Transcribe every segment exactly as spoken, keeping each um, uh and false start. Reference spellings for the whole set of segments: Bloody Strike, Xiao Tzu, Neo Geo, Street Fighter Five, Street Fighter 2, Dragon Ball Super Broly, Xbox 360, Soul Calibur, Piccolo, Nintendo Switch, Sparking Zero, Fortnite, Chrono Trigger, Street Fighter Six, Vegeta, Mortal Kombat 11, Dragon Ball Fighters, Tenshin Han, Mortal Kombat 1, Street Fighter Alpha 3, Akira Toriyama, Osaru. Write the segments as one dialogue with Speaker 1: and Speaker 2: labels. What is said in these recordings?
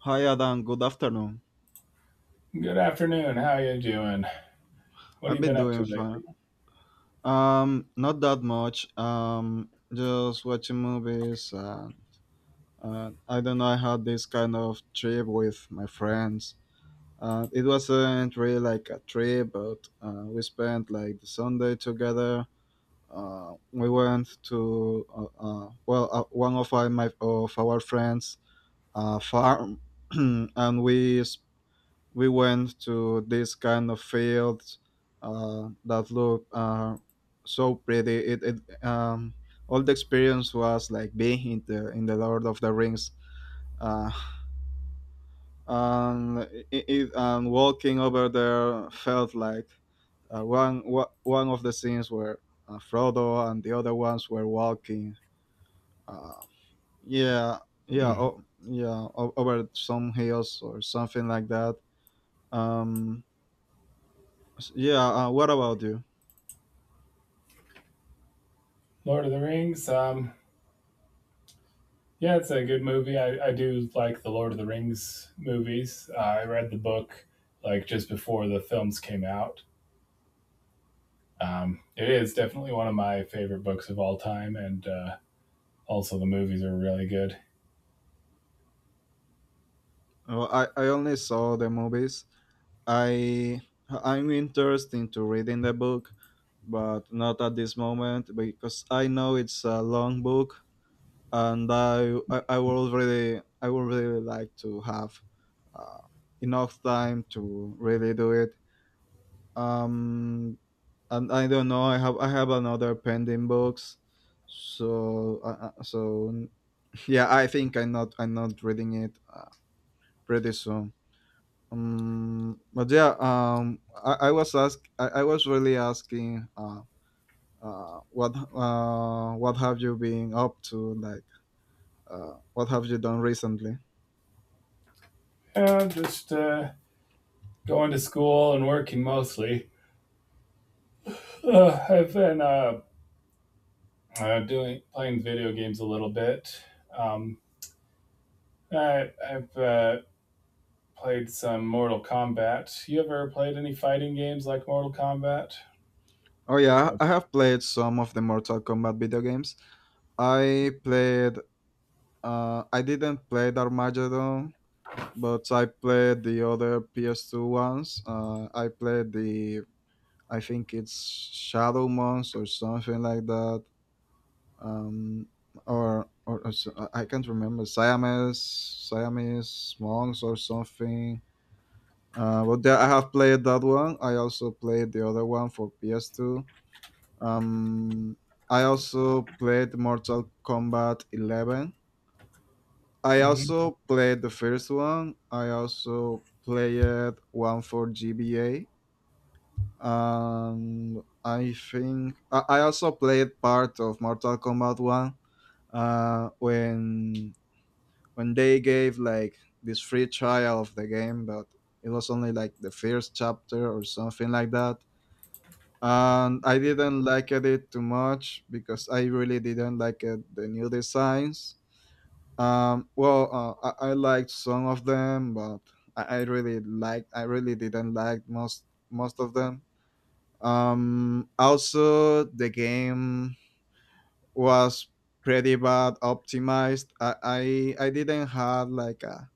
Speaker 1: Hi Adam, good afternoon.
Speaker 2: Good afternoon. How you doing? What have
Speaker 1: I've
Speaker 2: you
Speaker 1: been
Speaker 2: been up to
Speaker 1: doing fine.
Speaker 2: lately?
Speaker 1: Um, not that much. Um, just watching movies. And, uh, I don't know. I had this kind of trip with my friends. Uh, it wasn't really like a trip, but uh, we spent like the Sunday together. Uh, we went to uh, uh, well, uh, one of our, my of our friends' uh, farm, and we s- we went to this kind of fields uh, that look uh, so pretty. It, it um, All the experience was like being in the in the Lord of the Rings, uh, and it, it, and walking over there felt like uh, one wa- one of the scenes where uh, Frodo and the other ones were walking. Uh, yeah, yeah,
Speaker 2: Mhm.
Speaker 1: oh, yeah, o- over some hills or something like that. Um, s- yeah, uh, what about you?
Speaker 2: Lord of the Rings. Um, yeah, it's a good movie. I, I do like the Lord of the Rings movies. Uh, I read the book like just before the films came out. Um, it is definitely one of my favorite books of all time, and uh, also the movies are really good.
Speaker 1: Well, I, I only saw the movies. I I'm interested into reading the book, but not at this moment because I know it's a long book, and I I, I would really I would really like to have uh, enough time to really do it. Um, and I don't know. I have I have another pending books, so uh, uh, so yeah. I think I'm not I'm not reading it uh, pretty soon. Um, but yeah, um, I, I was ask, I, I was really asking, uh, uh, what, uh, what have you been up to? Like, uh, what have you done recently?
Speaker 2: Yeah, I'm just uh, going to school and working mostly. Uh, I've been uh, uh, doing playing video games a little bit. Um, I, I've uh, played some Mortal Kombat. You ever played any fighting games like Mortal Kombat?
Speaker 1: Oh yeah,
Speaker 2: Or-
Speaker 1: I have played some of the Mortal Kombat video games. I played, uh, I didn't play the Armageddon, but I played the other P S two ones. Uh, I played the, I think it's Shadow Monks or something like that. Um, or or, or s- I I can't remember Siamese Siamese monks or something. Uh, but there, I have played that one. I also played the other one for P S two. Um, I also played Mortal Kombat eleven. I
Speaker 2: Mhm.
Speaker 1: also played the first one. I also played one for G B A. And I think I, I also played part of Mortal Kombat one uh, when when they gave like this free trial of the game, but it was only like the first chapter or something like that. And I didn't like it too much because I really didn't like it, the new designs. Um, well, uh, I, I liked some of them, but I, I really like I really didn't like most most of them. Um, also, the game was pretty bad optimized. I I, I didn't have like a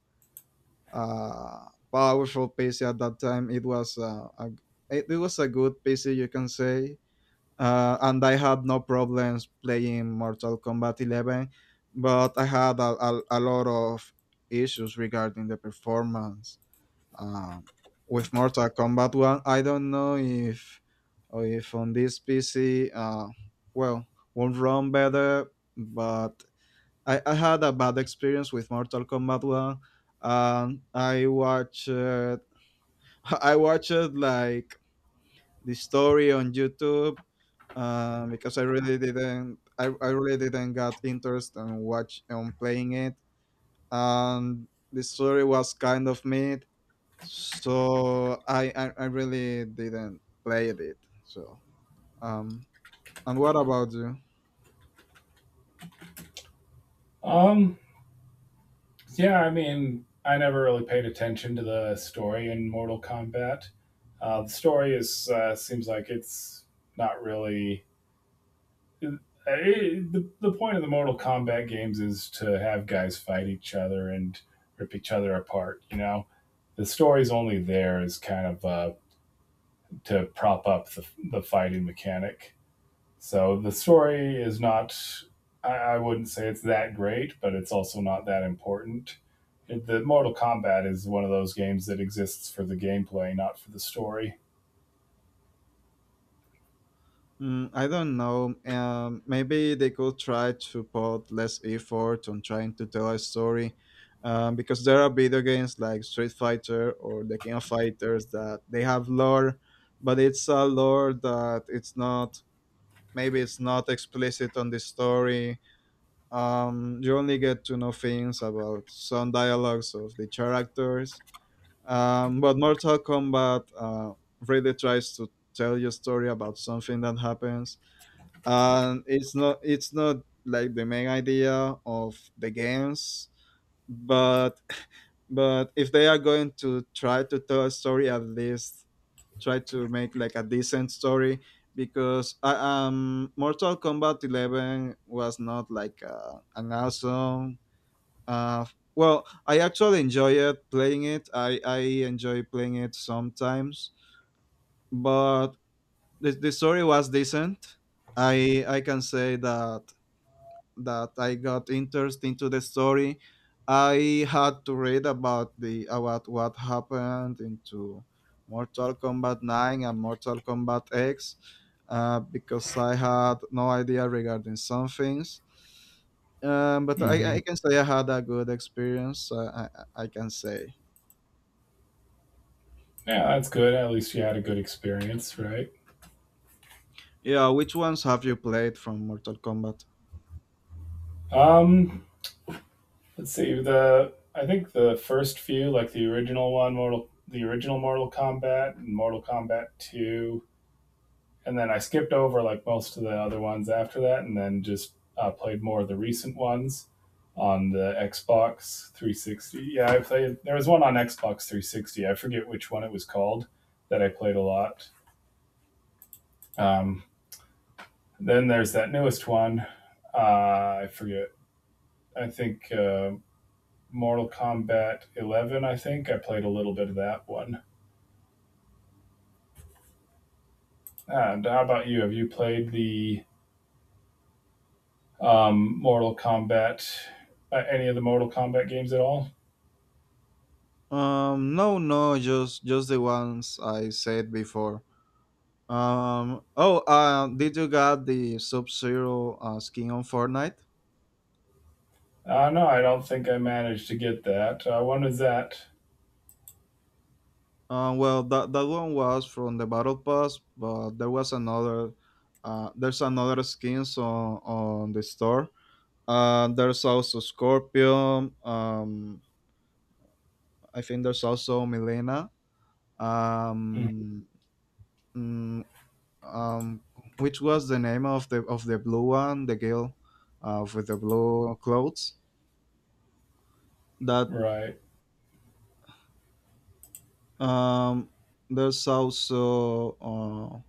Speaker 1: uh, powerful P C at that time. It was uh, a, it, it was a good P C, you can say. Uh, and I had no problems playing Mortal Kombat eleven, but I had a, a, a lot of issues regarding the performance. Um, with Mortal Kombat one, I don't know if or if on this P C, uh, well, won't run better, but I, I had a bad experience with Mortal Kombat One, and I watched uh, I watched like the story on YouTube, uh, because I really didn't I, I really didn't got interest in watch on playing it, and the story was kind of mid, so I I, I really didn't play it. So um, and what about you?
Speaker 2: Um, yeah, I mean, I never really paid attention to the story in Mortal Kombat. Uh, the story is uh, seems like it's not really. It- it- the, the point of the Mortal Kombat games is to have guys fight each other and rip each other apart. You know, the story's only there is kind of uh, to prop up the, the fighting mechanic. So the story is not, I, I wouldn't say it's that great, but it's also not that important. It, the Mortal Kombat is one of those games that exists for the gameplay, not for the story.
Speaker 1: Mm, I don't know. Um, maybe they could try to put less effort on trying to tell a story, um, because there are video games like Street Fighter or The King of Fighters that they have lore, but it's a lore that it's not. Maybe it's not explicit on the story. Um, you only get to know things about some dialogues of the characters. Um, but Mortal Kombat uh, really tries to tell your story about something that happens, and it's not it's not like the main idea of the games, but but if they are going to try to tell a story, at least try to make like a decent story because I, um Mortal Kombat eleven was not like uh, an awesome uh well I actually enjoy it playing it. I i enjoy playing it sometimes, but the, the story was decent. I i can say that that I got interested into the story. I had to read about the about what happened into Mortal Kombat nine and Mortal Kombat X, uh, because I had no idea regarding some things. Um, but I,
Speaker 2: Mm-hmm.
Speaker 1: I can say I had a good experience. Uh, I, I can say.
Speaker 2: Yeah, that's good. At least you had a good experience, right?
Speaker 1: Yeah, which ones have you played from Mortal Kombat?
Speaker 2: Um, let's see. The I think the first few, like the original one, Mortal, the original Mortal Kombat, and Mortal Kombat Two, and then I skipped over like most of the other ones after that, and then just uh, played more of the recent ones on the Xbox three sixty. Yeah, I played. There was one on Xbox three sixty. I forget which one it was called that I played a lot. Um, then there's that newest one. Uh, I forget. I think uh, Mortal Kombat eleven. I think I played a little bit of that one. And how about you? Have you played the um, Mortal Kombat? Uh, any of the Mortal Kombat games at all?
Speaker 1: Um, no, no, just just the ones I said before. Um. Oh. Uh, did you got the Sub Zero uh, skin on Fortnite?
Speaker 2: Uh, no, I don't think I managed to get that. Uh, when is that?
Speaker 1: Uh, well, that that one was from the Battle Pass, but there was another. Uh, there's another skins on on the store. Uh, there's also Scorpion. Um, I think there's also Milena.
Speaker 2: Mm.
Speaker 1: Um, mm, um, which was the name of the of the blue one, the girl, uh, with the blue clothes. That.
Speaker 2: Right.
Speaker 1: Um, there's also uh,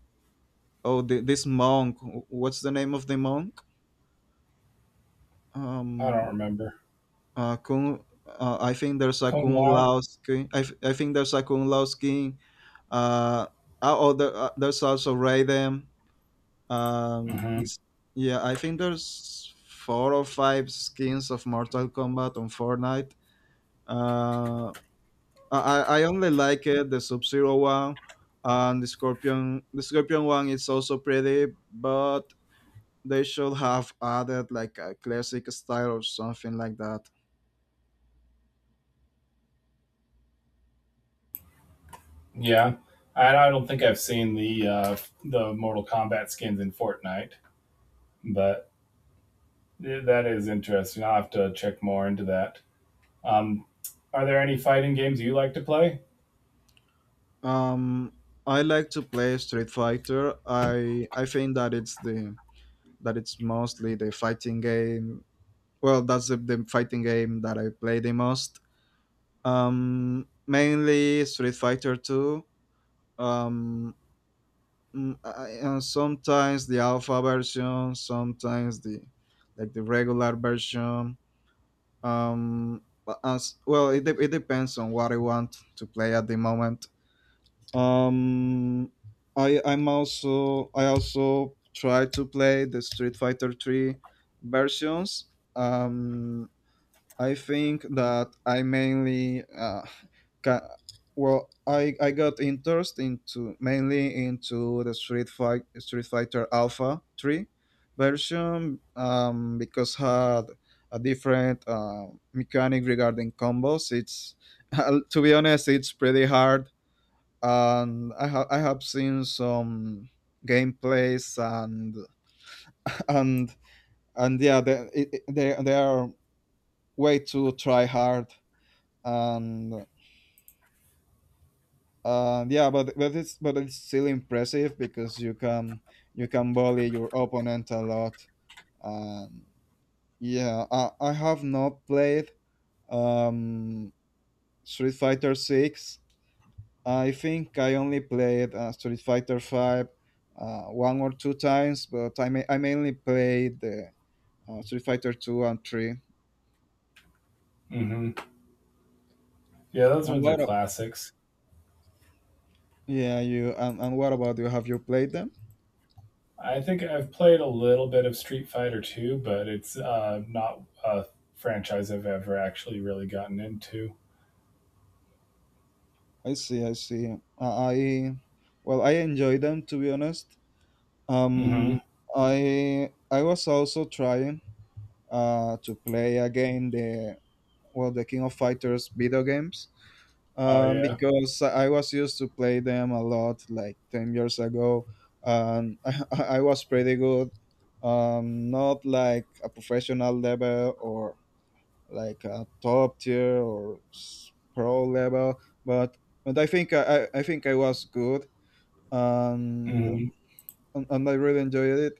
Speaker 1: oh the, this monk. What's the name of the monk?
Speaker 2: I don't
Speaker 1: Um,
Speaker 2: remember.
Speaker 1: uh, Kung. Uh, I think there's a
Speaker 2: Kung
Speaker 1: Kung
Speaker 2: Lao?
Speaker 1: Lao skin. I, th- I think there's a Kung Lao skin. Uh, oh, oh, there, uh, there's also Raiden. Um,
Speaker 2: Hmm.
Speaker 1: it's- yeah, I think there's four or five skins of Mortal Kombat on Fortnite. Uh, I I I only like it the Sub Zero one, and the Scorpion. The Scorpion one is also pretty, but they should have added like a classic style or something like that.
Speaker 2: Yeah. I, I don't think I've seen the uh, the Mortal Kombat skins in Fortnite, but th- that is interesting. I'll have to check more into that. Um, are there any fighting games you like to play?
Speaker 1: Um, I like to play Street Fighter. I I think that it's the that it's mostly the fighting game. Well, that's the, the fighting game that I play the most. Um, mainly Street Fighter two. Um, Mm, I, and sometimes the alpha version, sometimes the like the regular version. Um, but as well, it, de- it depends on what I want to play at the moment. Um, I I'm also I also try to play the Street Fighter Three versions. Um, I think that I mainly uh, ca- well I, I got interest into mainly into the Street Fight Street Fighter Alpha three version, um, because had a different uh, mechanic regarding combos. It's, to be honest, it's pretty hard, and I ha- I have seen some gameplays and and and yeah, they, it, it- they they are way too try hard, and uh, yeah, but but it's but it's still impressive because you can you can bully your opponent a lot. Um, yeah, I, I have not played um, Street Fighter Six. I think I only played uh, Street Fighter Five uh, one or two times, but I ma- I mainly played the uh, Street Fighter Two and Three.
Speaker 2: Hmm. Yeah, those
Speaker 1: And
Speaker 2: ones are
Speaker 1: what? a-
Speaker 2: classics.
Speaker 1: Yeah, you and, and what about you? Have you played them?
Speaker 2: I think I've played a little bit of Street Fighter two, but it's uh, not a franchise I've ever actually really gotten into.
Speaker 1: I see, I see. Uh, I well, I enjoy them to be honest. Um,
Speaker 2: Hmm.
Speaker 1: I I was also trying uh to play again the well the King of Fighters video games,
Speaker 2: Oh
Speaker 1: um
Speaker 2: yeah.
Speaker 1: because I was used to play them a lot like ten years ago, and I, I was pretty good, um not like a professional level or like a top tier or s- pro level, but but I think I, I I think I was good, and
Speaker 2: Hmm.
Speaker 1: and I really enjoyed it.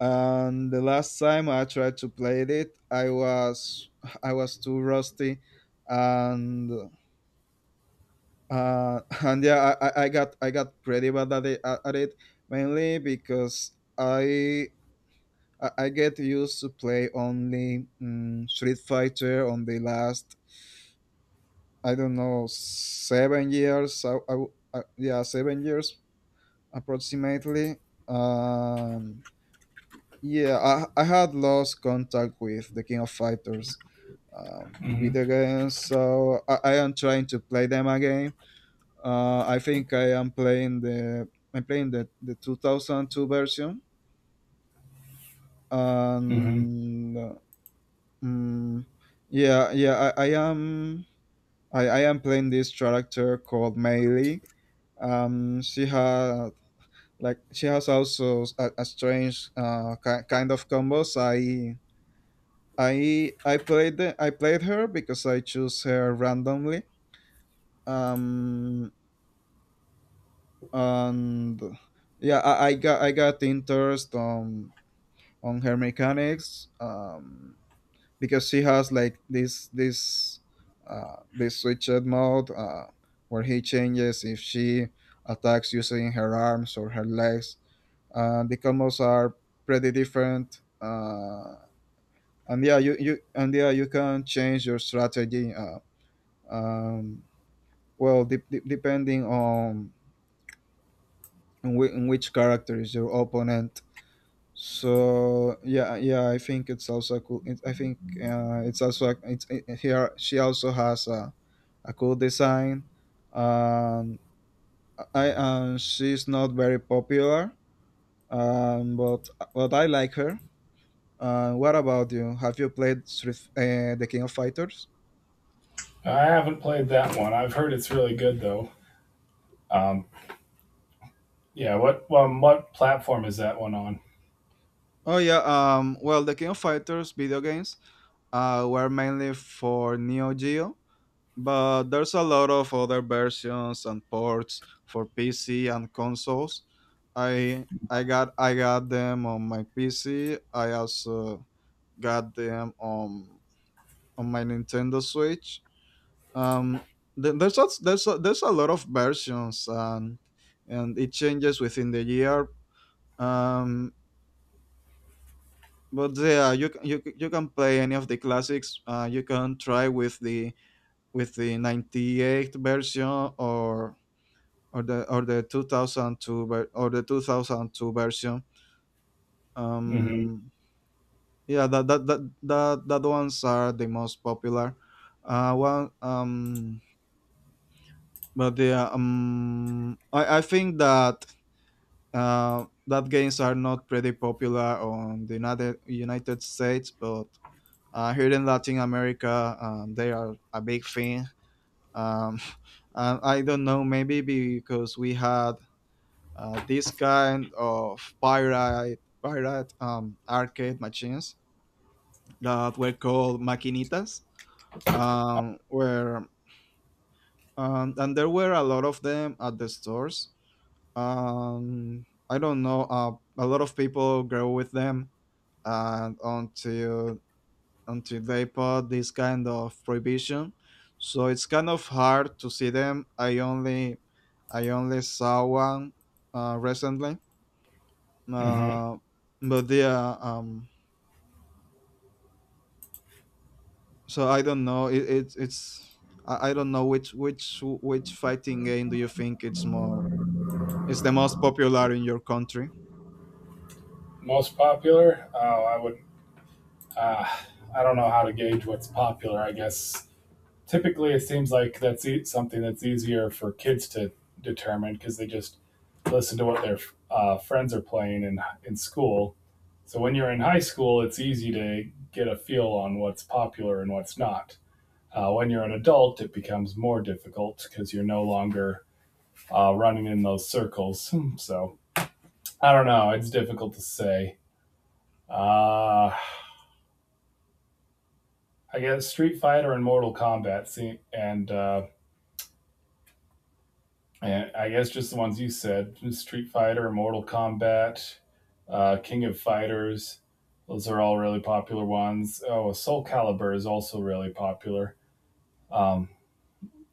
Speaker 1: And the last time I tried to play it, I was I was too rusty, and uh, and yeah, I, I I got I got pretty bad at it, at it mainly because I I I get used to play only mm Street Fighter on the last, I don't know, seven years. I, I, w- I- yeah, seven years approximately. Um, yeah, I, I had lost contact with the King of Fighters um,
Speaker 2: Hmm.
Speaker 1: video games, so I, I am trying to play them again. Uh, I think I am playing the I'm playing the, the two thousand two version,
Speaker 2: Hmm.
Speaker 1: and uh, mm, yeah, yeah, I, I am I, I am playing this character called Mei. Um she has like she has also a, a strange uh ki- kind of combos. i i i played the, I played her because I choose her randomly, um and yeah, i, I got i got interest on on her mechanics, um because she has like this this uh this switched mode uh where he changes if she attacks using her arms or her legs. Uh, the combos are pretty different. Uh, and yeah, you, you and yeah, you can change your strategy. Uh, um, well, de- de- Depending on on, whi- on which character is your opponent. So yeah, yeah, I think it's also cool. It, I think, uh, it's also a- it's it, here. She also has a, a cool design. Um, I And she's not very popular, um, but but I like her. Uh, what about you? Have you played Street, uh, the King of Fighters?
Speaker 2: I haven't played that one. I've heard it's really good though. Um, yeah. What? Well, what platform is that one on?
Speaker 1: Oh yeah. Um. Well, the King of Fighters video games uh, were mainly for Neo Geo, but there's a lot of other versions and ports for P C and consoles. I I got I got them on my P C. I also got them on on my Nintendo Switch. Um. th- There's a, there's a, there's a lot of versions and and it changes within the year. Um, but yeah, you c- you c- you can play any of the classics. Uh, you can try with the with the 'ninety-eight version or or the or the twenty oh two ver- or the twenty oh two version.
Speaker 2: Hmm.
Speaker 1: Um, yeah, that that that that that ones are the most popular. Uh, one um, but yeah, um, I I think that uh that games are not pretty popular on the United United States, but uh, here in Latin America, um, they are a big thing. Um, and I don't know, maybe because we had uh, this kind of pirate pirate um, arcade machines that were called maquinitas, um, where um, and there were a lot of them at the stores. Um, I don't know, uh, a lot of people grew with them, and until until they put this kind of prohibition. So it's kind of hard to see them. I only I only saw one uh, recently,
Speaker 2: Hmm.
Speaker 1: uh, but yeah. Um, so I don't know. It, it it's I, I don't know which which which fighting game do you think it's more is the most popular in your country?
Speaker 2: Most popular? Oh, I would. Uh, I don't know how to gauge what's popular. I guess typically it seems like that's e- something that's easier for kids to determine because they just listen to what their uh, friends are playing in in school. So when you're in high school, it's easy to get a feel on what's popular and what's not. Uh, when you're an adult, it becomes more difficult because you're no longer uh, running in those circles. Hmm. So I don't know. It's difficult to say. Uh, I guess Street Fighter and Mortal Kombat, see, and uh, and I guess just the ones you said: Street Fighter, Mortal Kombat, uh, King of Fighters. Those are all really popular ones. Oh, Soul Calibur is also really popular. Um,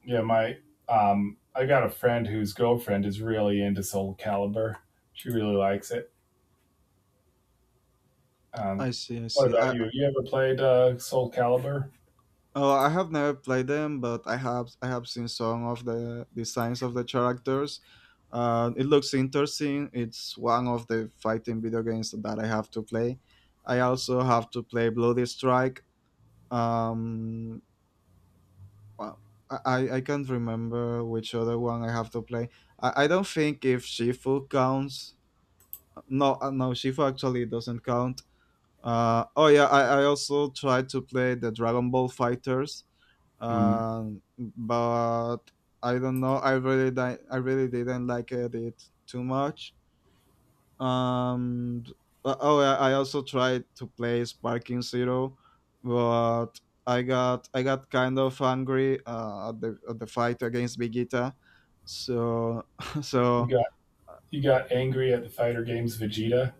Speaker 2: Yeah, my um, I got a friend whose girlfriend is really into Soul Calibur. She really likes it. Um,
Speaker 1: I see, I
Speaker 2: what
Speaker 1: see.
Speaker 2: about
Speaker 1: I
Speaker 2: you? Have you ever played uh, Soul Calibur?
Speaker 1: Oh, I have never played them, but I have I have seen some of the designs of the characters. Uh, it looks interesting. It's one of the fighting video games that I have to play. I also have to play Bloody Strike. Um, uh, I I I can't remember which other one I have to play. I, I don't think if Shifu counts. No, uh, no, Shifu actually doesn't count. Uh, oh yeah, I, I also tried to play the Dragon Ball Fighters
Speaker 2: Hmm.
Speaker 1: um, but I don't know. I really di- I really didn't like it, it too much. Um, but- oh, I I also tried to play Sparking Zero, but I got I got kind of angry uh, at the at the fight against Vegeta. So
Speaker 2: You
Speaker 1: so
Speaker 2: got you got angry at the fighter games Vegeta.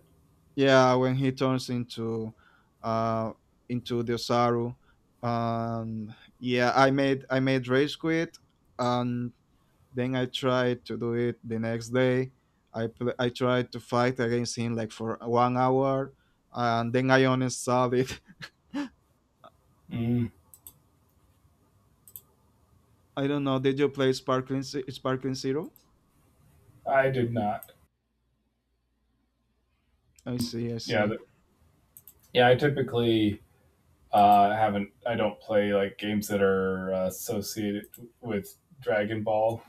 Speaker 1: yeah, when he turns into uh into the Osaru, um yeah, I made I made rage quit and then I tried to do it the next day. I pl- I tried to fight against him like for one hour, and then I uninstalled it.
Speaker 2: Mm.
Speaker 1: I don't know. Did you play Sparkling Ze- Sparkling Zero?
Speaker 2: I did not.
Speaker 1: I see. I
Speaker 2: Yeah,
Speaker 1: see.
Speaker 2: the, yeah. I typically uh, haven't. I don't play like games that are uh, associated with Dragon Ball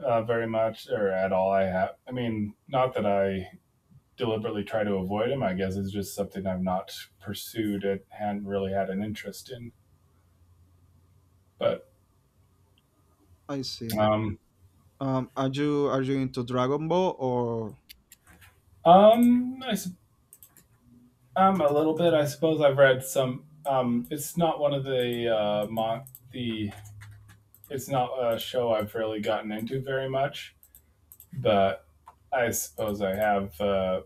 Speaker 2: uh, very much or at all. I have. I mean, not that I deliberately try to avoid them. I guess it's just something I've not pursued and hadn't really had an interest in. But
Speaker 1: I see.
Speaker 2: um,
Speaker 1: Um, are you are you into Dragon Ball or?
Speaker 2: um, I um, a little bit. I suppose I've read some. Um, it's not one of the uh, mon- the. it's not a show I've really gotten into very much, but I suppose I have uh,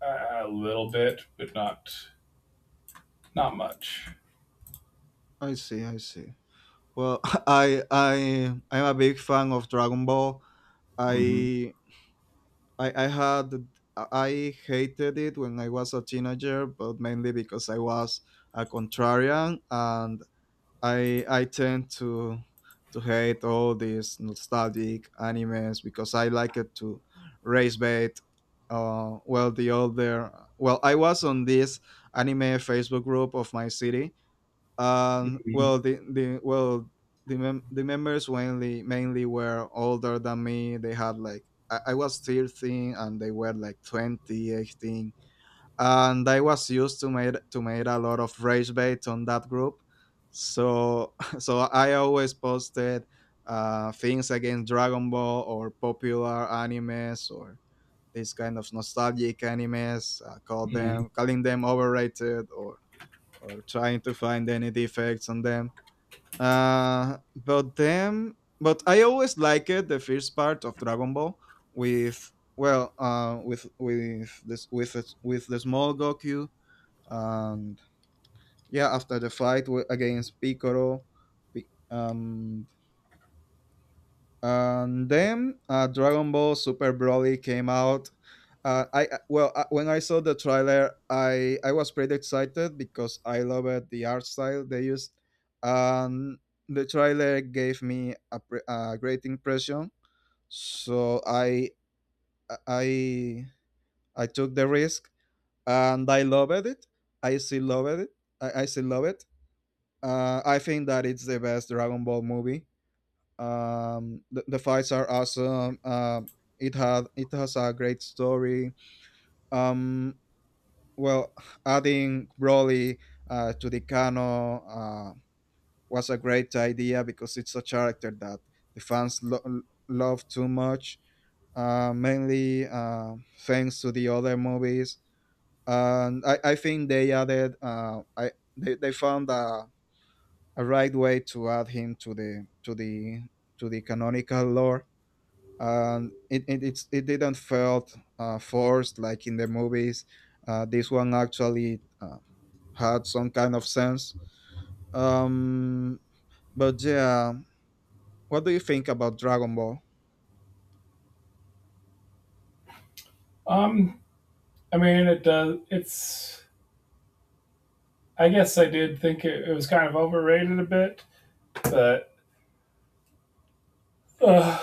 Speaker 2: a a little bit, but not not much.
Speaker 1: I see. I see. Well, I I I'm a big fan of Dragon Ball.
Speaker 2: Hmm.
Speaker 1: I I, I had I hated it when I was a teenager, but mainly because I was a contrarian and I I tend to to hate all these nostalgic animes because I like it to race bait. Uh, well, the other well, I was on this anime Facebook group of my city, um, well, the the well the mem- the members mainly mainly were older than me. They had like I, I was thirteen and they were like twenty eighteen. And I was used to made to made a lot of rage bait on that group. So so I always posted uh, things against Dragon Ball or popular animes or these kind of nostalgic animes. I call
Speaker 2: Hmm.
Speaker 1: them calling them overrated or or trying to find any defects on them. Uh, but them, but I always liked the first part of Dragon Ball with well, uh, with with this with the- with the small Goku and yeah, after the fight wi- against Piccolo, Pi- um, and then uh, Dragon Ball Super Broly came out. Uh, I I- well, uh, when I saw the trailer, I I was pretty excited because I loved the art style they used, and the trailer gave me a, pre- a great impression. So I I I took the risk, and I loved it. I still loved it. I, I still love it. Uh, I think that it's the best Dragon Ball movie. Um the, the fights are awesome. Um it had it has a great story. um well Adding Broly uh, to the canon uh, was a great idea because it's a character that the fans lo- love too much, uh, mainly uh, thanks to the other movies. and i, I think they added uh, I, they, they found a, a right way to add him to the to the to the canonical lore, and it it it's, it didn't felt uh, forced like in the movies. Uh, this one actually uh, had some kind of sense. Um, but yeah, what do you think about Dragon Ball?
Speaker 2: Um, I mean, it does. It's I guess I did think it, it was kind of overrated a bit, but uh,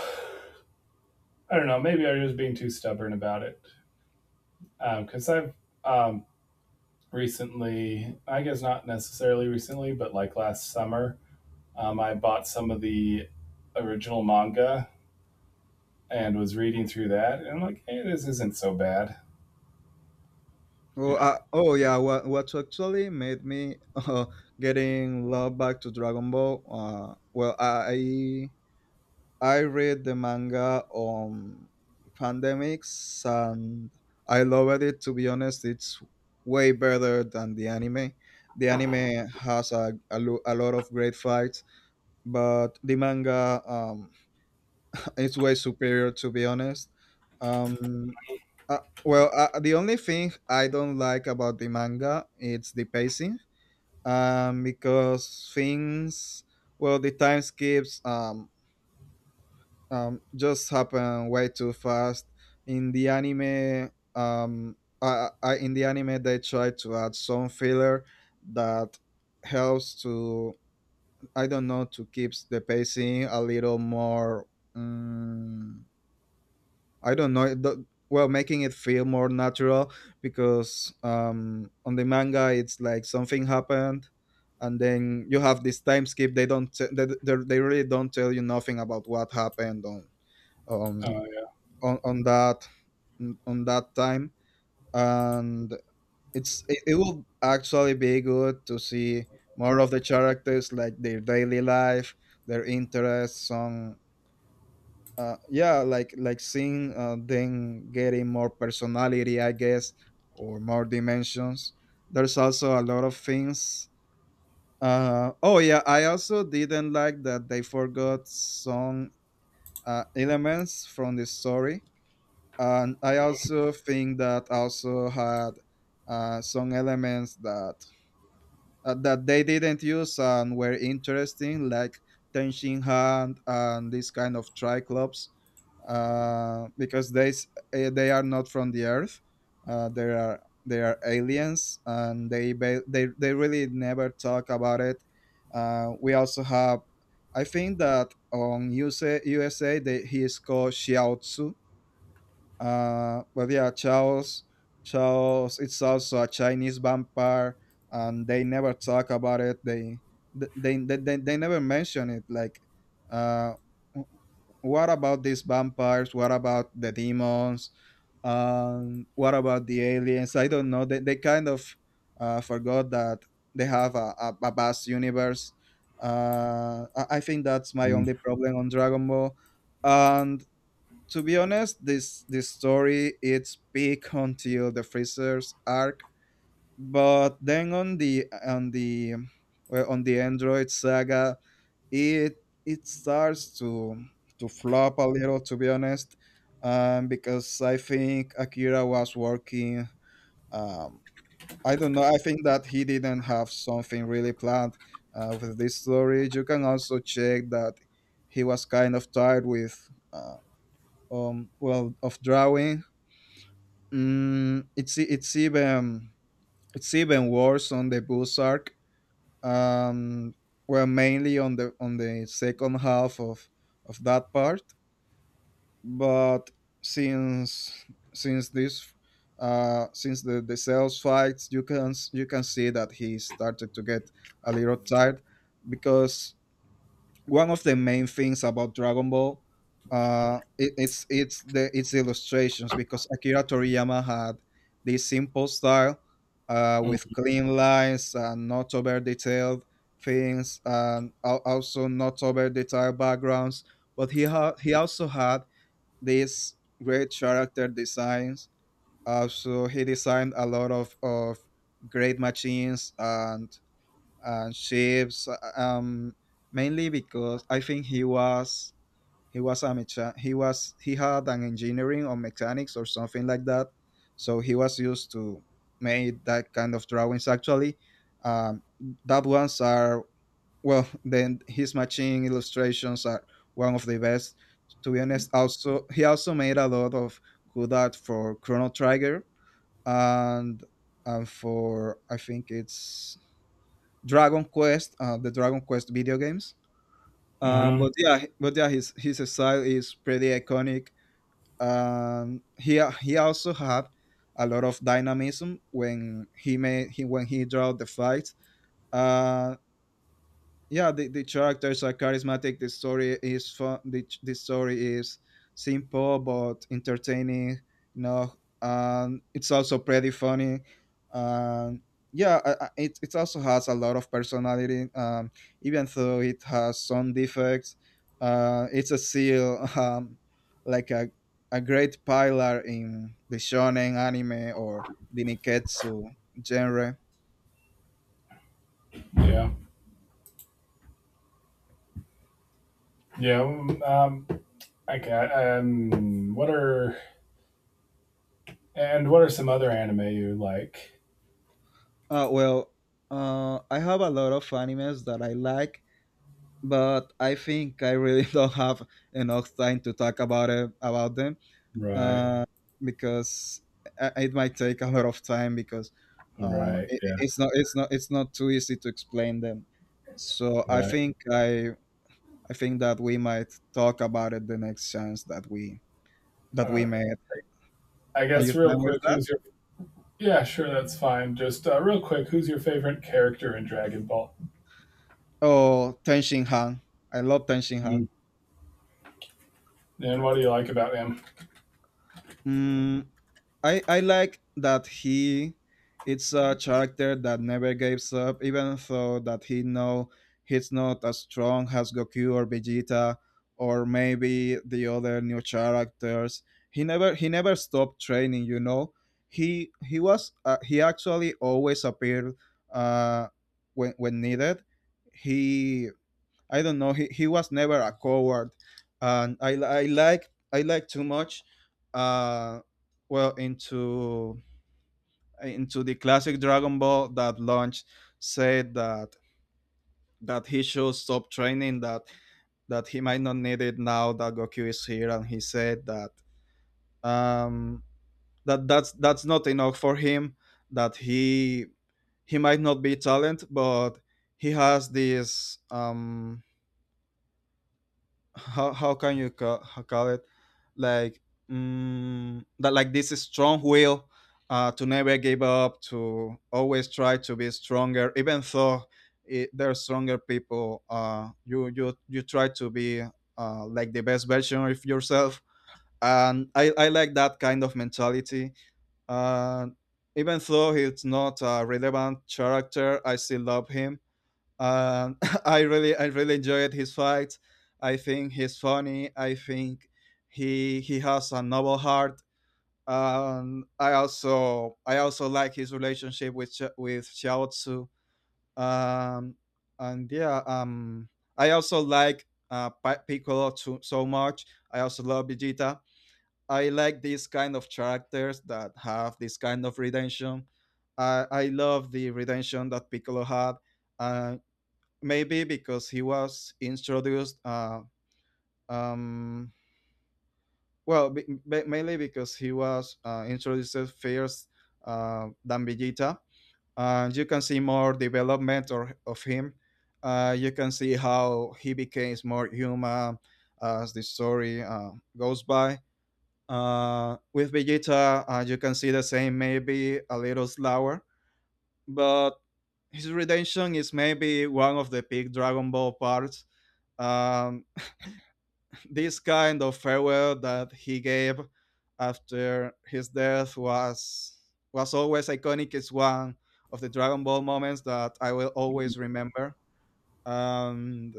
Speaker 2: I don't know. Maybe I was just being too stubborn about it because um, I've um, recently, I guess not necessarily recently, but like last summer, um, I bought some of the original manga and was reading through that, and I'm like, hey, this isn't so bad,
Speaker 1: Oh,
Speaker 2: you know.
Speaker 1: uh, oh yeah, what, what actually made me uh, getting love back to Dragon Ball? Uh, well, I I read the manga on pandemics and I loved it, to be honest. It's way better than the anime. The anime has a, a, lo- a lot of great fights, but the manga um, is way superior, to be honest. Um, uh, well, uh, the only thing I don't like about the manga it's the pacing um, because things well the time skips um, um, just happen way too fast. In the anime, um, I, I, in the anime, they try to add some filler that helps to, I don't know, to keep the pacing a little more. Um, I don't know. The, well, making it feel more natural, because um, on the manga it's like something happened, and then you have this time skip. They don't. T- they, they they really don't tell you nothing about what happened on um
Speaker 2: Uh,
Speaker 1: on, on that on that time, and it's it, it will actually be good to see more of the characters, like their daily life, their interests on uh, yeah, like like seeing uh, them getting more personality, I guess, or more dimensions. There's also a lot of things. Uh, oh yeah, I also didn't like that they forgot some uh, elements from the story, and I also think that also had uh, some elements that uh, that they didn't use and were interesting, like Tenshin Hand and this kind of triclops, uh, because they s- eh, they are not from the Earth. Uh, they are they are aliens, and they ba- they they really never talk about it. Uh, we also have, I think that on U S A U S A they, he is called Xiaotzu, uh, but yeah, Chaos, Chaos, it's also a Chinese vampire, and they never talk about it. They they they, they, they never mention it. Like, uh, what about these vampires? What about the demons? Um, what about the aliens? I don't know. They they kind of uh, forgot that they have a, a, a vast universe. Uh, I I think that's my only
Speaker 2: yeah.
Speaker 1: problem on Dragon Ball, and to be honest, this this story it's peak until the Freezer's arc, but then on the on the well, on the Android saga, it it starts to to flop a little, to be honest, um, because I think Akira was working. Um, I don't know. I think that he didn't have something really planned uh, with this story. You can also check that he was kind of tired with. Uh, um well of drawing. Mm, it's it's even it's even worse on the Bulls arc. Um, well, mainly on the on the second half of of that part. But since since this uh since the the sales fights, you can s- you can see that he started to get a little tired, because one of the main things about Dragon Ball, uh, it, it's it's the its illustrations, because Akira Toriyama had this simple style, uh, with clean lines and not over detailed things, and al- also not over detailed backgrounds. But he had he also had these great character designs. Also, he designed a lot of of great machines and uh, shapes, um, mainly because I think he was he was a mecha- he was he had an engineering or mechanics or something like that, so he was used to make that kind of drawings. Actually, um, that ones are well. Then his machine illustrations are one of the best, to be honest. Also he also made a lot of good art for Chrono Trigger, and and for, I think it's Dragon Quest, uh, the Dragon Quest video games. Um,
Speaker 2: Mm-hmm.
Speaker 1: but yeah, but yeah, his his style is pretty iconic. Um, he he also had a lot of dynamism when he made he when he draw the fights. Uh, yeah, the, the characters are charismatic, the story is fun, the, the story is simple but entertaining, you know, and it's also pretty funny, and yeah, I- I- it, it also has a lot of personality, um, even though it has some defects uh, it's a seal um, like a, a great pillar in the shonen anime or the niketsu genre.
Speaker 2: Yeah. Yeah. Um, okay. Um, what are and what are some other anime you like?
Speaker 1: Uh, well, uh, I have a lot of animes that I like, but I think I really don't have enough time to talk about it, about them,
Speaker 2: Right.
Speaker 1: uh, because I- it might take a lot of time, because uh,
Speaker 2: Right.
Speaker 1: it,
Speaker 2: Yeah.
Speaker 1: it's not it's not it's not too easy to explain them. So I
Speaker 2: Right.
Speaker 1: think I I think that we might talk about it the next chance that we that
Speaker 2: All
Speaker 1: we
Speaker 2: right.
Speaker 1: made.
Speaker 2: I
Speaker 1: Are
Speaker 2: guess
Speaker 1: you
Speaker 2: real
Speaker 1: fine with
Speaker 2: quick,
Speaker 1: that?
Speaker 2: who's your? Yeah, sure, that's fine. Just uh, real quick, who's your favorite character in Dragon Ball?
Speaker 1: Oh, Tenshin Han. I love Tenshin Han.
Speaker 2: Mm. And what do you like about him?
Speaker 1: Mm, I I like that he it's a character that never gives up, even though that he know he's not as strong as Goku or Vegeta or maybe the other new characters. He never he never stopped training. You know, he he was uh, he actually always appeared uh, when when needed. He, I don't know. He, he was never a coward, and I li- I like I like too much. Uh, well, into into the classic Dragon Ball, that launch said that that he should stop training, that that he might not need it now that Goku is here, and he said that um that that's that's not enough for him. That he he might not be talent, but he has this um how, how can you call, how call it, like, mm, that like this strong will uh, to never give up, to always try to be stronger, even though it, they're stronger people uh, you you you try to be uh, like the best version of yourself, and I, I like that kind of mentality. uh, Even though he's not a relevant character, I still love him. um, I really, I really enjoyed his fights. I think he's funny. I think he he has a noble heart. Um, I also, I also like his relationship with Xia- with Xiao Tzu. Um, and yeah, um, I also like uh, Pi- Piccolo too, so much. I also love Vegeta. I like these kind of characters that have this kind of redemption. I I love the redemption that Piccolo had. Uh, maybe because he was introduced uh, um, well b- b- mainly because he was uh, introduced first uh, than Vegeta, and you can see more development or, of him uh, you can see how he becomes more human as the story uh, goes by uh, with Vegeta uh, you can see the same, maybe a little slower, but his redemption is maybe one of the big Dragon Ball parts, um, this kind of farewell that he gave after his death was was always iconic. It's one of the Dragon Ball moments that I will always remember. And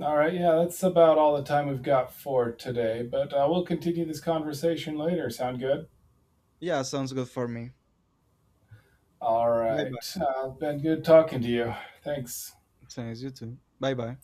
Speaker 2: All right, yeah, that's about all the time we've got for today, but uh, we'll continue this conversation later. Sound good?
Speaker 1: yeah, sounds good for me.
Speaker 2: All
Speaker 1: Bye
Speaker 2: right.
Speaker 1: bye.
Speaker 2: Uh, been good talking to you. Thanks.
Speaker 1: Thanks you too. Bye bye.